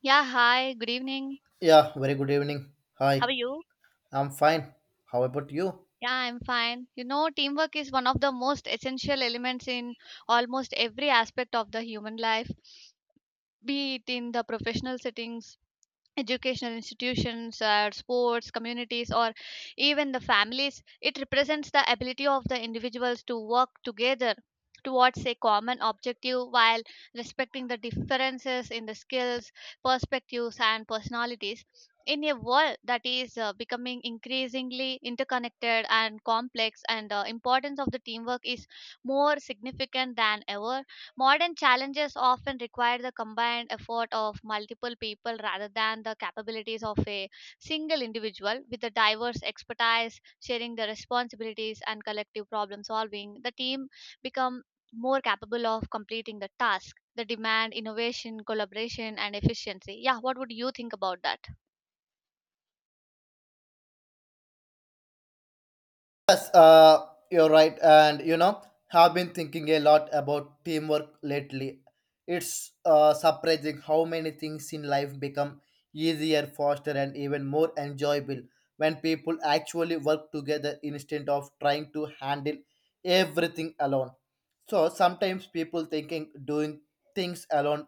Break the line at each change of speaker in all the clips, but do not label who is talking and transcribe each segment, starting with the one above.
Yeah, hi, good evening.
Yeah, very good evening.
How
Hi,
are you?
I'm fine. How about you?
Yeah, I'm fine. You know, teamwork is one of the most essential elements in almost every aspect of the human life, be it in the professional settings, educational institutions or sports communities or even the families. It represents the ability of the individuals to work together towards a common objective while respecting the differences in the skills, perspectives and personalities. In a world that is becoming increasingly interconnected and complex, and the importance of the teamwork is more significant than ever. Modern challenges often require the combined effort of multiple people rather than the capabilities of a single individual with a diverse expertise, sharing the responsibilities and collective problem solving. The team become more capable of completing the task. The demand, innovation, collaboration, and efficiency. Yeah, what would you think about that?
Yes, you're right, and you know, have been thinking a lot about teamwork lately. It's surprising how many things in life become easier, faster, and even more enjoyable when people actually work together instead of trying to handle everything alone. So sometimes people thinking doing things alone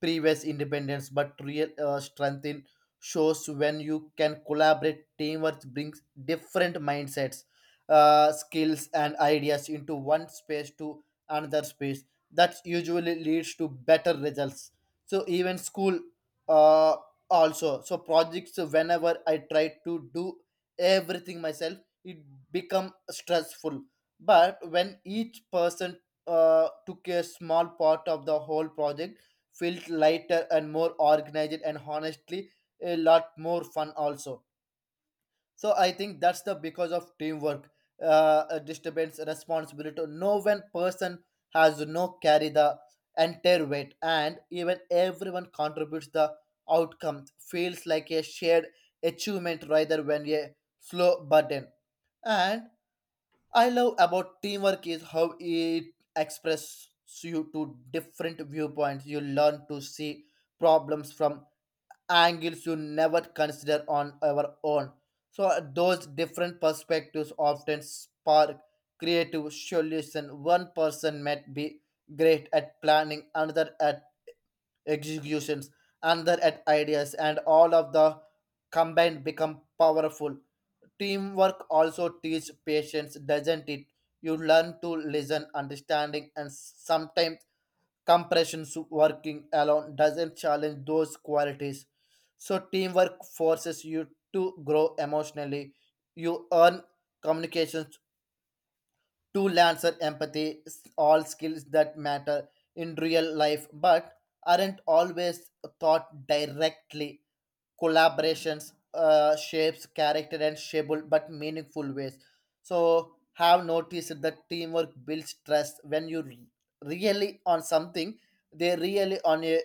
previous independence, but real strength in shows when you can collaborate. Teamwork brings different mindsets, skills and ideas into one space to another space that usually leads to better results, so even school, uh, also so projects whenever I try to do everything myself, it become stressful, but when each person took a small part of the whole project, felt lighter and more organized, and honestly a lot more fun also. So I think that's the because of teamwork, a disturbance, responsibility. No one person has no carry the entire weight, and even everyone contributes the outcome. Feels like a shared achievement rather than a slow burden. And I love about teamwork is how it expresses you to different viewpoints. You learn to see problems from angles you never consider on our own. So those different perspectives often spark creative solution. One person might be great at planning, another at executions, another at ideas, and all of the combined become powerful. Teamwork also teaches patience, doesn't it? You learn to listen, understanding, and sometimes working alone doesn't challenge those qualities. So teamwork forces you to grow emotionally. You earn communications to lancer empathy, all skills that matter in real life but aren't always taught directly. Collaborations shapes character and shapeable but meaningful ways. So have noticed that teamwork builds trust when you really on something, they really on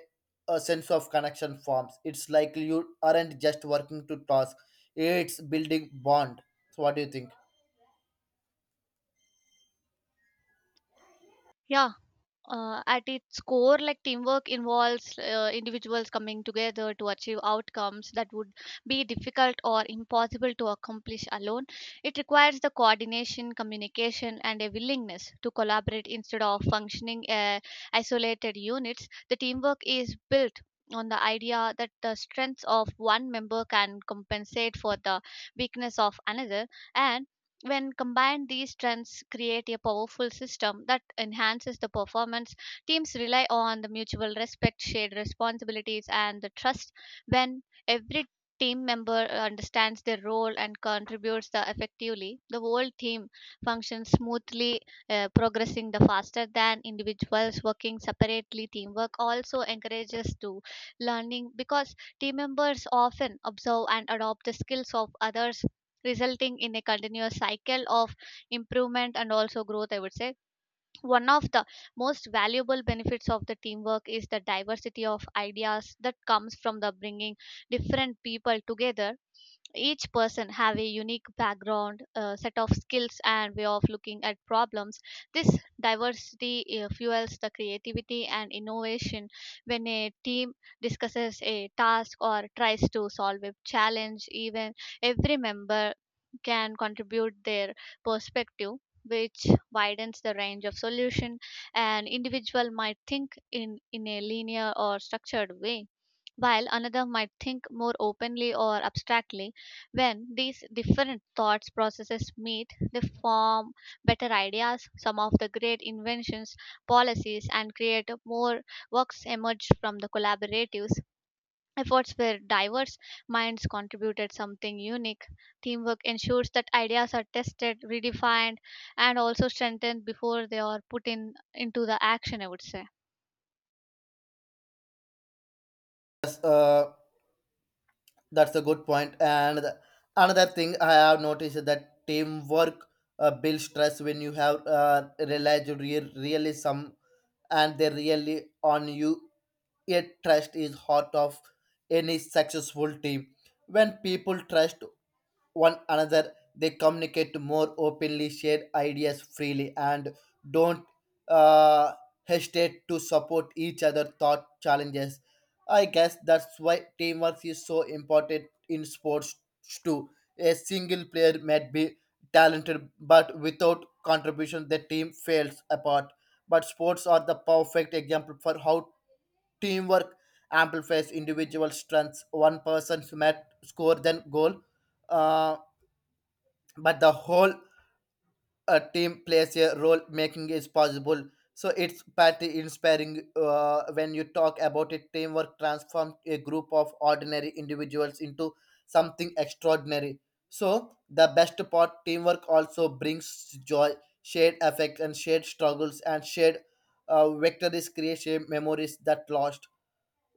a sense of connection forms. It's like you aren't just working to task, it's building bond. So what do you think?
Yeah, at its core, like teamwork involves individuals coming together to achieve outcomes that would be difficult or impossible to accomplish alone. It requires the coordination, communication, and a willingness to collaborate instead of functioning isolated units. The teamwork is built on the idea that the strengths of one member can compensate for the weakness of another, and when combined, these strengths create a powerful system that enhances the performance. Teams rely on the mutual respect, shared responsibilities, and the trust. When every team member understands their role and contributes the effectively, the whole team functions smoothly, progressing the faster than individuals working separately. Teamwork also encourages to learning because team members often observe and adopt the skills of others, resulting in a continuous cycle of improvement and also growth, I would say. One of the most valuable benefits of the teamwork is the diversity of ideas that comes from the bringing different people together. Each person have a unique background, set of skills and way of looking at problems. This diversity fuels the creativity and innovation. When a team discusses a task or tries to solve a challenge, even every member can contribute their perspective, which widens the range of solution. An individual might think in a linear or structured way, while another might think more openly or abstractly. When these different thoughts processes meet, they form better ideas. Some of the great inventions, policies, and creative more works emerged from the collaboratives. Efforts were diverse, minds contributed something unique. Teamwork ensures that ideas are tested, redefined, and also strengthened before they are put in into the action, I would say.
Yes, that's a good point. And another thing I have noticed is that teamwork builds trust when you have, realized you really some and they really on you. Yet trust is heart of any successful team. When people trust one another, they communicate more openly, share ideas freely, and don't uh, hesitate to support each other thought challenges. I guess that's why teamwork is so important in sports too. A single player might be talented, but without contribution, the team fails apart. But sports are the perfect example for how teamwork amplifies individual strengths. One person might score than goal. Uh, but the whole team plays a role making is possible. So it's pretty inspiring when you talk about it. Teamwork transforms a group of ordinary individuals into something extraordinary. So the best part, teamwork also brings joy. Shared affect and shared struggles and shared victories create shared memories that last.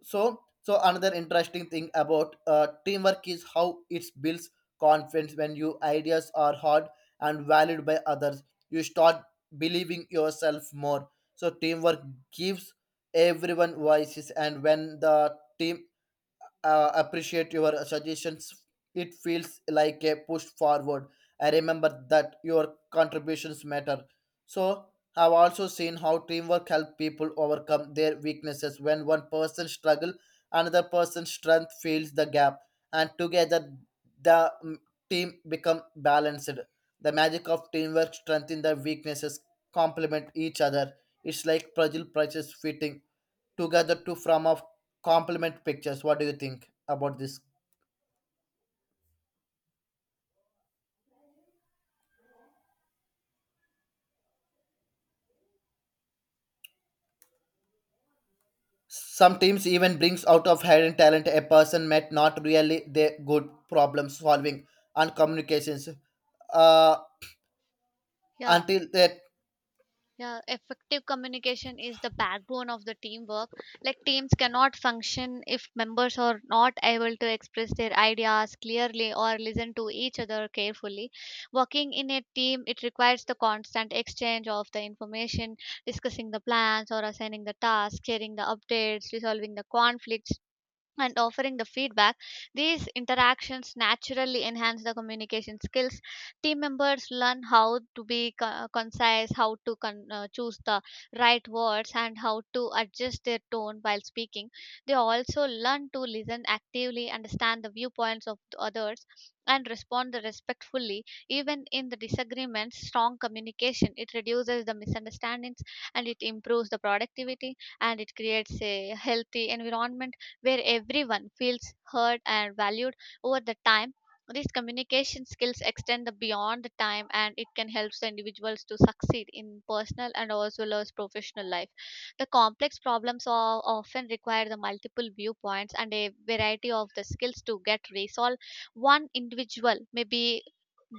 So so another interesting thing about teamwork is how it builds confidence. When your ideas are heard and valued by others, you start believing yourself more. So teamwork gives everyone voices, and when the team appreciate your suggestions, it feels like a push forward. I remember that your contributions matter. So, I've also seen how teamwork helps people overcome their weaknesses. When one person struggles, another person's strength fills the gap, and together the team become balanced. The magic of teamwork strengthens the weaknesses, complement each other. It's like puzzle pieces fitting together to form a complement pictures. What do you think about this? Some teams even brings out of hidden talent, a person met not really they good problem solving and communications. Uh,
Yeah.
until that,
Yeah, effective communication is the backbone of the teamwork. Like teams cannot function if members are not able to express their ideas clearly or listen to each other carefully. Working in a team, it requires the constant exchange of the information, discussing the plans or assigning the tasks, sharing the updates, resolving the conflicts, and offering the feedback. These interactions naturally enhance the communication skills. Team members learn how to be concise, how to choose the right words and how to adjust their tone while speaking. They also learn to listen actively, understand the viewpoints of the others and respond respectfully, even in the disagreements. Strong communication, it reduces the misunderstandings and it improves the productivity and it creates a healthy environment where everyone feels heard and valued. Over the time, these communication skills extend the beyond the time and it can help the individuals to succeed in personal and as well as professional life. The complex problems are often require the multiple viewpoints and a variety of the skills to get resolved. One individual may be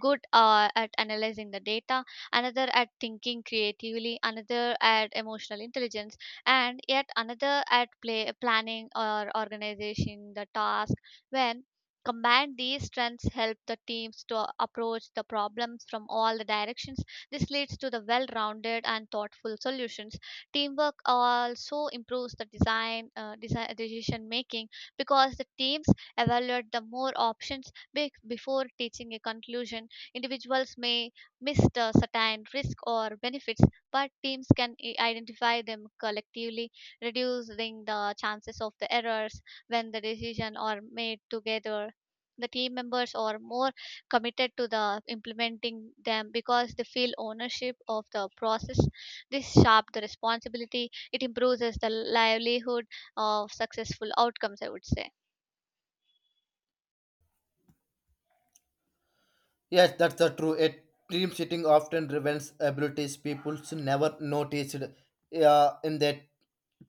good at analyzing the data, another at thinking creatively, another at emotional intelligence, and yet another at planning or organizing the task. When combined, these strengths help the teams to approach the problems from all the directions. This leads to the well-rounded and thoughtful solutions. Teamwork also improves the decision making because the teams evaluate the more options before reaching a conclusion. Individuals may miss the certain risk or benefits, but teams can identify them collectively, reducing the chances of the errors. When the decision are made together, the team members are more committed to the implementing them because they feel ownership of the process. This sharp the responsibility. It improves the livelihood of successful outcomes, I would say.
yes, that's the true. A team sitting often prevents abilities people never noticed in that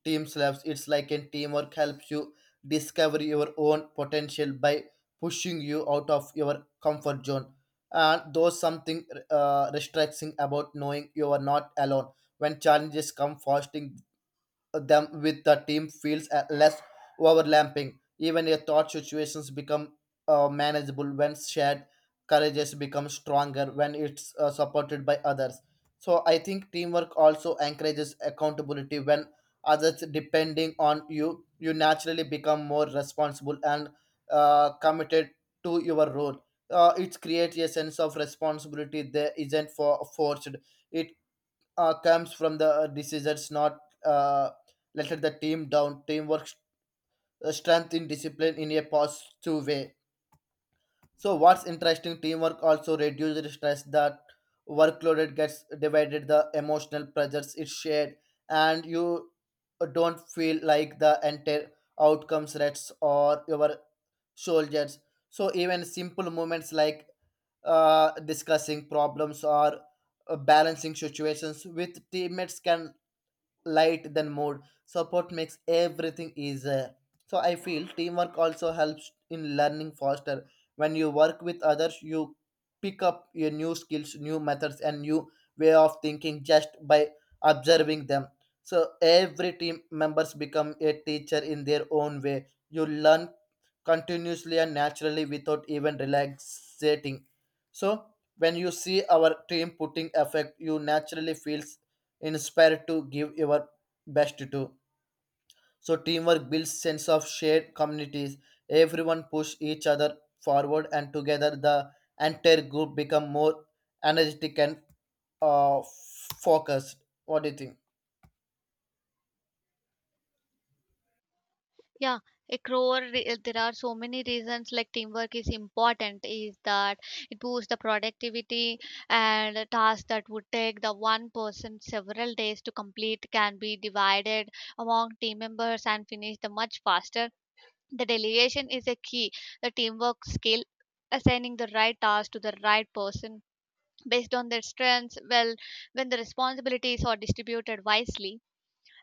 team slaps. It's like a teamwork helps you discover your own potential by pushing you out of your comfort zone. And there's something restricting about knowing you are not alone. When challenges come, fostering them with the team feels less overlapping. Even a thought situations become manageable when shared. Courages become stronger when it's supported by others. So I think teamwork also encourages accountability when others depending on you. You naturally become more responsible and committed to your role. It creates a sense of responsibility that isn't for forced. It comes from the decisions not uh, let the team down. Teamwork strength in discipline in a positive way. So what's interesting, teamwork also reduces stress. That workloaded gets divided, the emotional pressures is shared, and you don't feel like the entire outcomes rests or your soldiers. So even simple moments like discussing problems or balancing situations with teammates can light than mode support makes everything easier. So I feel teamwork also helps in learning faster. When you work with others, you pick up your new skills, new methods, and new way of thinking just by observing them. So every team members become a teacher in their own way. You learn continuously and naturally without even relaxating. So when you see our team putting effect, you naturally feels inspired to give your best to. So teamwork builds sense of shared communities. Everyone push each other forward, and together the entire group become more energetic and uh, focused. What do you think?
Yeah, there are so many reasons like teamwork is important, is that it boosts the productivity, and a task that would take the one person several days to complete can be divided among team members and finished much faster. The delegation is a key, the teamwork skill, assigning the right task to the right person based on their strengths. Well, when the responsibilities are distributed wisely,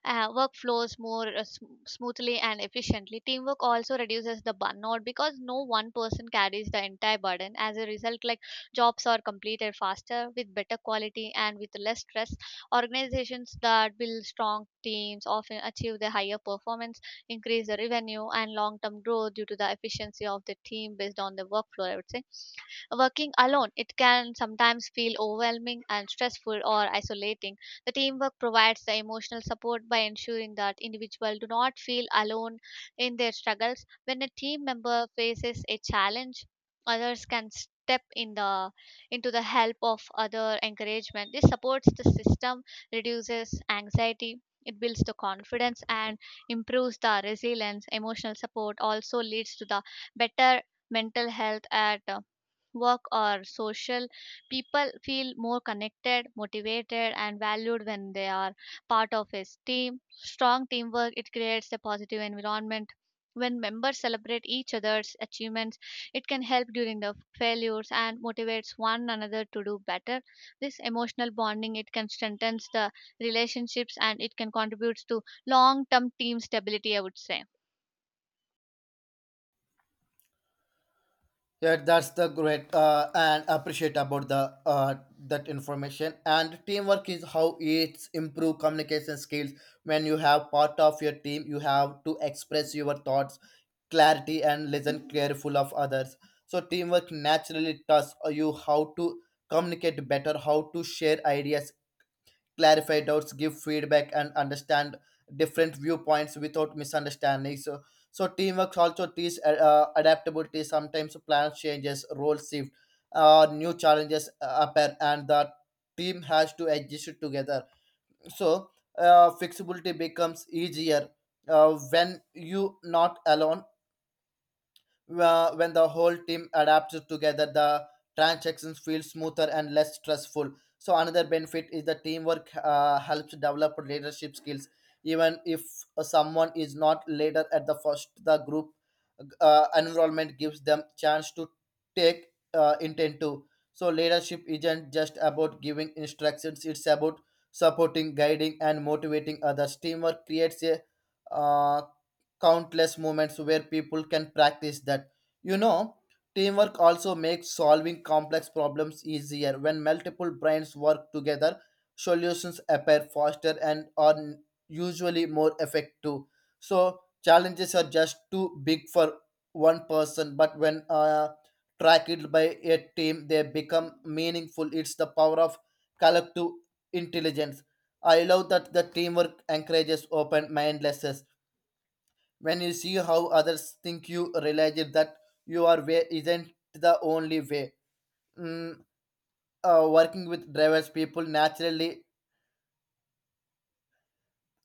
work more smoothly and efficiently. Teamwork also reduces the burnout because no one person carries the entire burden. As a result, like jobs are completed faster with better quality and with less stress. Organizations that build strong teams often achieve the higher performance, increase the revenue and long-term growth due to the efficiency of the team based on the workflow, I would say. Working alone, it can sometimes feel overwhelming and stressful or isolating. The teamwork provides the emotional support by ensuring that individuals do not feel alone in their struggles. When a team member faces a challenge, others can step in the into the help of other encouragement. This supports the system, reduces anxiety, it builds the confidence and improves the resilience. Emotional support also leads to the better mental health at work or social. People feel more connected, motivated and valued when they are part of a team. Strong teamwork, it creates a positive environment when members celebrate each other's achievements. It can help during the failures and motivates one another to do better. This emotional bonding, it can strengthen the relationships and it can contribute to long term team stability, I would say.
Yeah, that's the great and appreciate about the that information. And teamwork is how it's improve communication skills. When you have part of your team, you have to express your thoughts, clarity, and listen careful of others. So teamwork naturally tells you how to communicate better, how to share ideas, clarify doubts, give feedback, and understand different viewpoints without misunderstanding. So, teamwork also teaches adaptability. Sometimes plans changes, roles shift, new challenges appear, and the team has to adjust together. So, flexibility becomes easier when you not alone. When the whole team adapts together, the transactions feel smoother and less stressful. So another benefit is the teamwork helps develop leadership skills. Even if someone is not leader at the first, the group environment gives them chance to take intent to. So leadership isn't just about giving instructions; it's about supporting, guiding, and motivating others. Teamwork creates a uh, countless moments where people can practice that. You know, teamwork also makes solving complex problems easier. When multiple brains work together, solutions appear faster and are usually more effective. So, challenges are just too big for one person, but when tracked by a team, they become meaningful. It's the power of collective intelligence. I love that the teamwork encourages open mindlessness. When you see how others think, you realize it that your way isn't the only way. mm, Working with drivers people naturally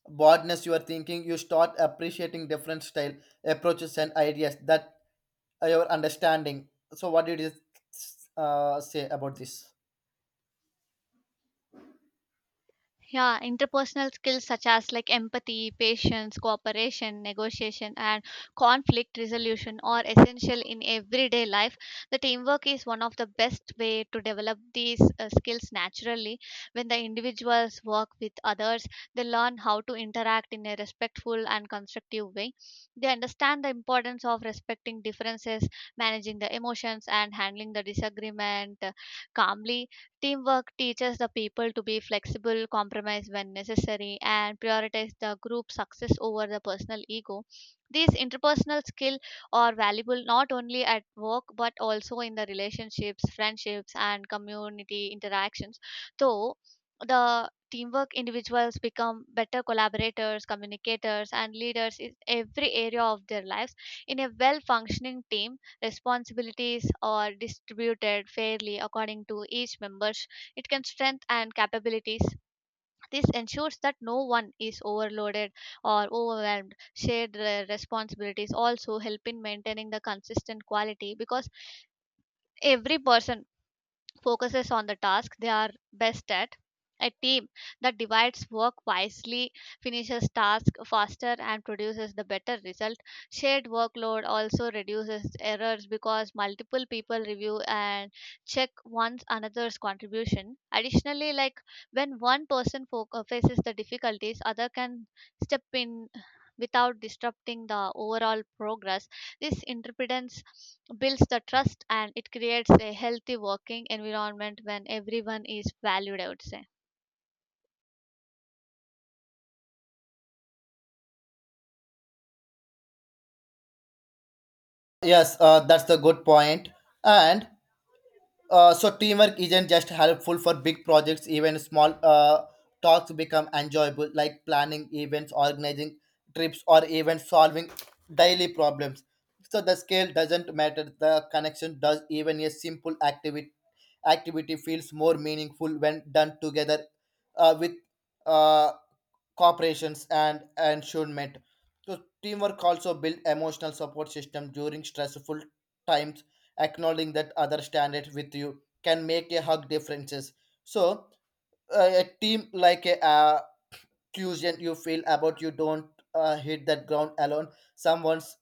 broadness your thinking. You start appreciating different style, approaches, and ideas that your understanding. So what did you say about this?
Yeah, interpersonal skills such as like empathy, patience, cooperation, negotiation, and conflict resolution are essential in everyday life. The teamwork is one of the best way to develop these skills naturally. When the individuals work with others, they learn how to interact in a respectful and constructive way. They understand the importance of respecting differences, managing the emotions, and handling the disagreement calmly. Teamwork teaches the people to be flexible, compromise when necessary, and prioritize the group success over the personal ego. These interpersonal skills are valuable not only at work but also in the relationships, friendships, and community interactions. Though the teamwork, individuals become better collaborators, communicators, and leaders in every area of their lives. In a well functioning team, responsibilities are distributed fairly according to each member's. It can strength and capabilities. This ensures that no one is overloaded or overwhelmed. Shared responsibilities also help in maintaining the consistent quality because every person focuses on the task they are best at. A team that divides work wisely finishes tasks faster and produces the better result. Shared workload also reduces errors because multiple people review and check one's another's contribution. Additionally, like when one person faces the difficulties, other can step in without disrupting the overall progress. This interdependence builds the trust and it creates a healthy working environment when everyone is valued, I would say.
Yes, that's the good point. And so teamwork isn't just helpful for big projects, even small talks become enjoyable, like planning events, organizing trips, or even solving daily problems. So the scale doesn't matter, the connection does. Even a simple activity feels more meaningful when done together with uh, cooperations and ensuement. So teamwork also build emotional support system during stressful times, acknowledging that other stand it with you can make a hug differences. So a team like a Tuesday you feel about, you don't hit that ground alone. Someone's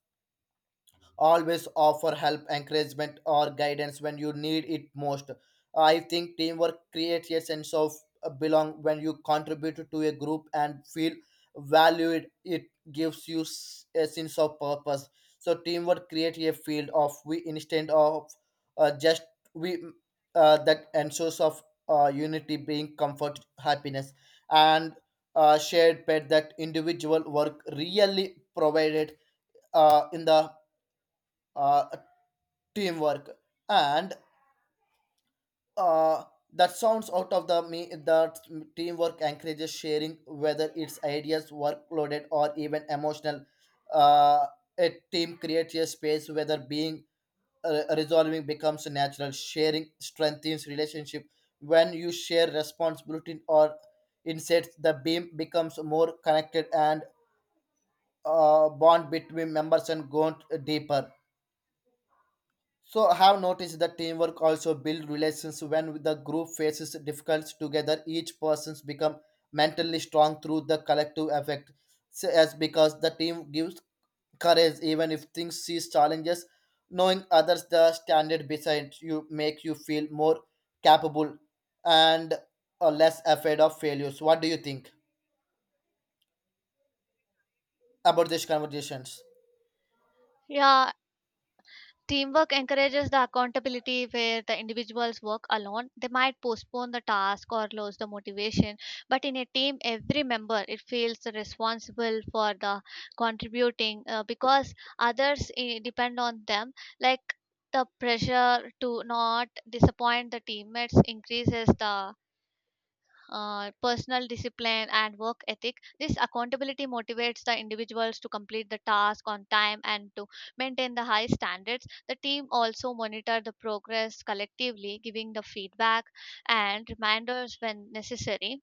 always offer help, encouragement, or guidance when you need it most. I think teamwork creates a sense of belong when you contribute to a group and feel valued. It gives you a sense of purpose. So teamwork creates a field of we instead of just we. That ensures of unity, being comfort, happiness, and shared pet that individual work really provided in the uh, teamwork. And uh, that sounds out of the me that teamwork encourages sharing, whether it's ideas, workloaded, or even emotional. uh, a team creates a space whether being resolving becomes natural. Sharing strengthens relationship. When you share responsibility or insights, the beam becomes more connected, and bond between members and gone deeper. So I have noticed that teamwork also build relations when the group faces difficulties together. Each person's become mentally strong through the collective effect, so as because the team gives courage even if things sees challenges. Knowing others the standard beside you make you feel more capable, and less afraid of failures. What do you think about these conversations?
Yeah, teamwork encourages the accountability where the individuals work alone. They might postpone the task or lose the motivation, but in a team, every member it feels responsible for the contributing because others depend on them. Like the pressure to not disappoint the teammates increases the personal discipline and work ethic. This accountability motivates the individuals to complete the task on time and to maintain the high standards. The team also monitor the progress collectively, giving the feedback and reminders when necessary.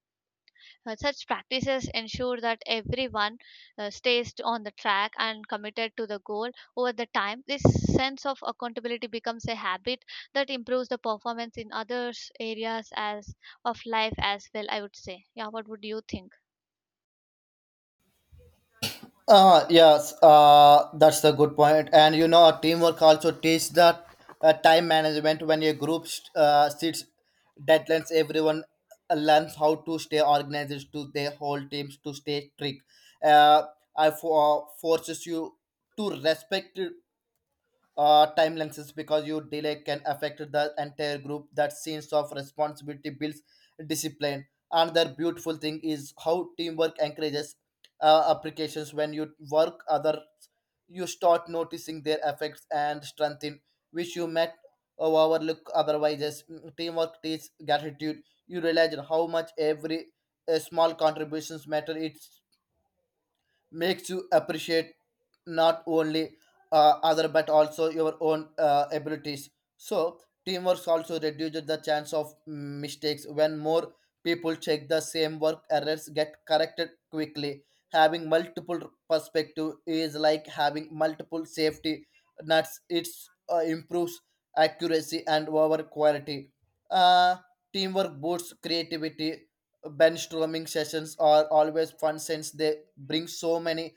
Such practices ensure that everyone stays on the track and committed to the goal. Over the time, this sense of accountability becomes a habit that improves the performance in other areas as of life as well, I would say. Yeah. What would you think?
Yes, that's a good point. And you know, teamwork also teaches that time management. When a group sets deadlines, everyone learns how to stay organized to their whole teams to stay strict. Uh, I forces you to respect time lenses because your delay can affect the entire group. That sense of responsibility builds discipline. Another beautiful thing is how teamwork encourages applications. When you work, other you start noticing their effects and strengthen, which you met or overlook otherwise. Yes, mm, teamwork teaches gratitude. You realize how much every small contributions matter. It makes you appreciate not only other but also your own abilities, so teamwork also reduces the chance of mistakes when more people check the same work, errors get corrected quickly. Having multiple perspective is like having multiple safety nuts. It improves accuracy and over quality. uh, Teamwork boosts creativity. Brainstorming sessions are always fun since they bring so many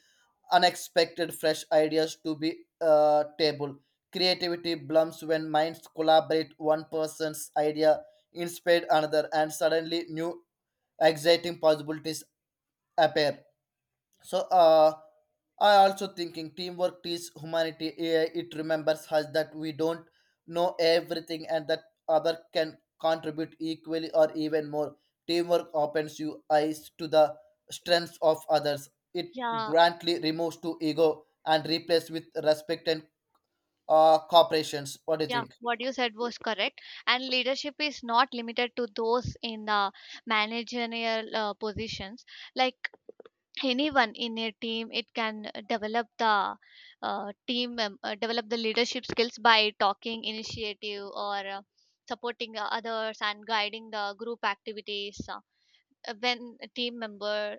unexpected fresh ideas to be table. Creativity blooms when minds collaborate. One person's idea inspired another, and suddenly new exciting possibilities appear. So uh, I also thinking teamwork is humanity. AI it remembers us that we don't know everything and that other can contribute equally or even more. Teamwork opens you eyes to the strengths of others. It
Yeah,
grantly removes to ego and replaces with respect and cooperations. What do you
yeah.
think?
What you said was correct, and leadership is not limited to those in the managerial positions. Like anyone in a team, it can develop the develop the leadership skills by talking initiative or supporting others and guiding the group activities. When a team member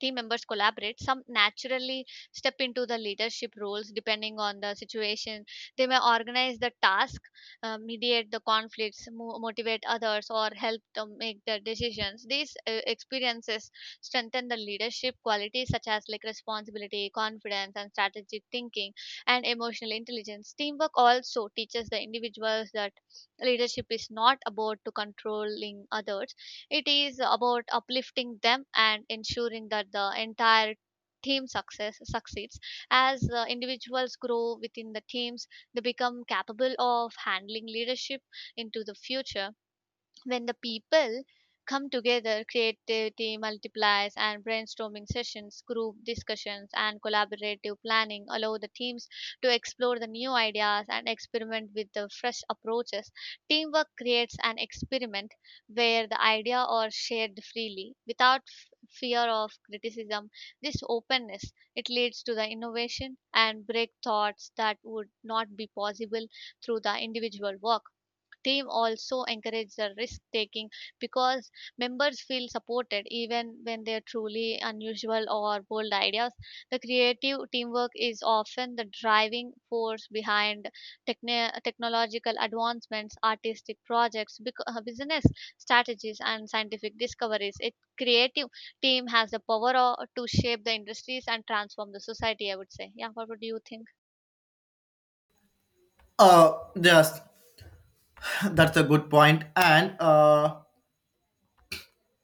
team members collaborate, some naturally step into the leadership roles depending on the situation. They may organize the task, mediate the conflicts, motivate others or help to make the decisions. These experiences strengthen the leadership qualities such as like responsibility, confidence and strategic thinking and emotional intelligence. Teamwork also teaches the individuals that leadership is not about to controlling others. It is about uplifting them and ensuring that the entire team success succeeds. As individuals grow within the teams, they become capable of handling leadership into the future. When the people come together, creativity multiplies, and brainstorming sessions, group discussions, and collaborative planning allow the teams to explore the new ideas and experiment with the fresh approaches. Teamwork creates an experiment where the idea are shared freely without fear of criticism. This openness, it leads to the innovation and break thoughts that would not be possible through the individual work. Team also encourage the risk taking because members feel supported even when they're truly unusual or bold ideas. The creative teamwork is often the driving force behind technological advancements, artistic projects, business strategies and scientific discoveries. A creative team has the power to shape the industries and transform the society, I would say. Yeah, what would you think?
Yes, that's a good point. And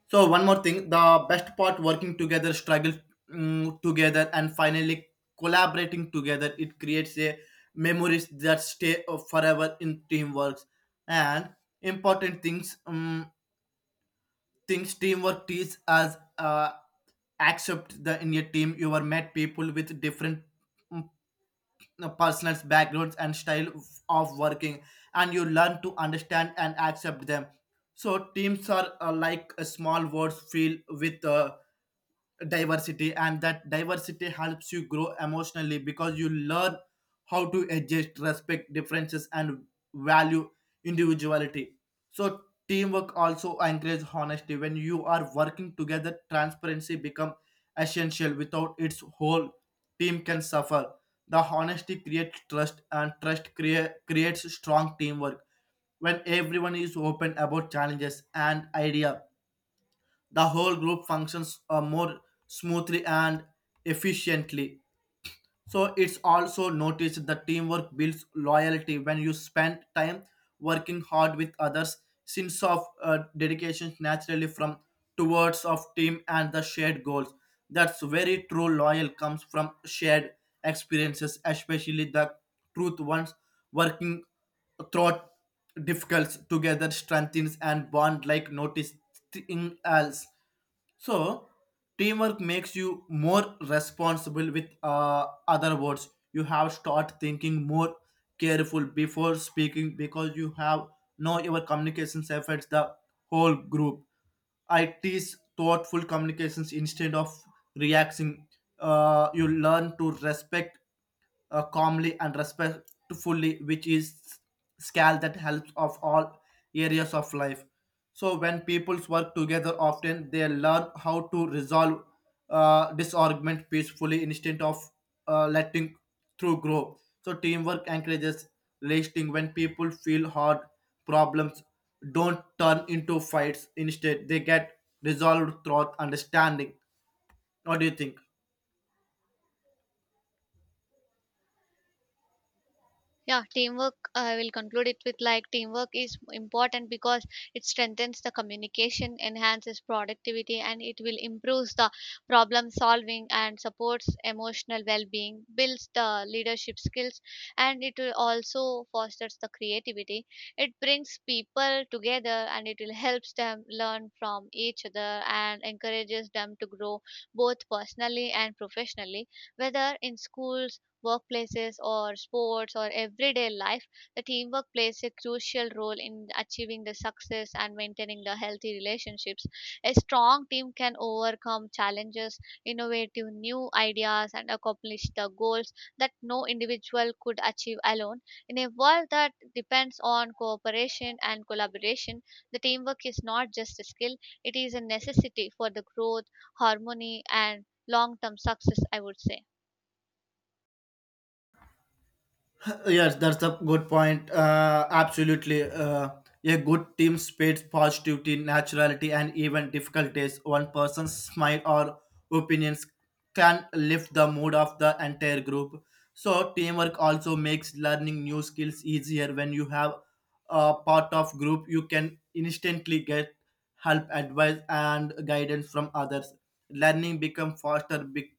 So one more thing, the best part working together, struggle mm, together, and finally collaborating together. It creates a memories that stay forever in teamworks. And important things, things teamwork teaches as accept the in your team you are met people with different mm, personals, backgrounds, and style of working, and you learn to understand and accept them. So teams are like a small words filled with. Diversity, and that diversity helps you grow emotionally because you learn how to adjust respect differences and value individuality. So teamwork also encourages honesty. When you are working together, transparency become essential. Without its whole team can suffer. The honesty creates trust and trust creates strong teamwork. When everyone is open about challenges and idea, the whole group functions more smoothly and efficiently. So it's also noticed that teamwork builds loyalty when you spend time working hard with others. Sense of dedication naturally from towards of team and the shared goals. That's very true. Loyal comes from shared experiences, especially the truth ones, working throughout difficult together strengthens and bond like noticing else. So teamwork makes you more responsible. With other words, you have start thinking more careful before speaking because you have know your communications affects the whole group. I teach thoughtful communications instead of reacting. You learn to respect calmly and respectfully, which is scale that helps of all areas of life. So when peoples work together, often they learn how to resolve disargument peacefully instead of letting through grow. So teamwork encourages lasting. When people feel hard problems don't turn into fights. Instead, they get resolved through understanding. What do you think?
Yeah, teamwork. I will conclude it with like teamwork is important because it strengthens the communication, enhances productivity, and it will improves the problem solving and supports emotional well-being, builds the leadership skills, and it will also fosters the creativity. It brings people together and it will helps them learn from each other and encourages them to grow both personally and professionally, whether in schools, workplaces or sports or everyday life, the teamwork plays a crucial role in achieving the success and maintaining the healthy relationships. A strong team can overcome challenges, innovate to new ideas, and accomplish the goals that no individual could achieve alone. In a world that depends on cooperation and collaboration, the teamwork is not just a skill, it is a necessity for the growth, harmony, and long term success, I would say.
Yes, that's a good point. Absolutely. A good team spreads positivity, naturality, and even difficult days. One person's smile or opinions can lift the mood of the entire group. So, teamwork also makes learning new skills easier. When you have a part of group, you can instantly get help advice and guidance from others. Learning become faster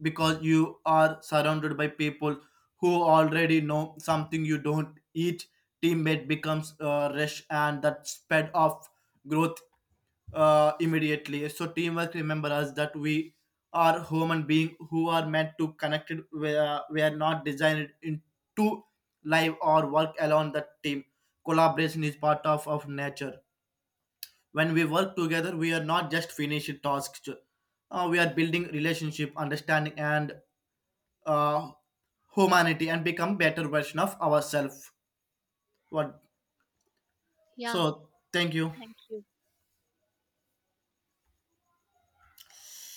because you are surrounded by people who already know something you don't eat. Teammate becomes rush and that spread of growth immediately. So teamwork remember us that we are human being who are meant to connected. We are not designed into live or work alone. That team collaboration is part of nature. When we work together, we are not just finishing tasks, we are building relationship understanding and uh, humanity, and become better version of ourselves. What?
Yeah,
So thank you.
thank you.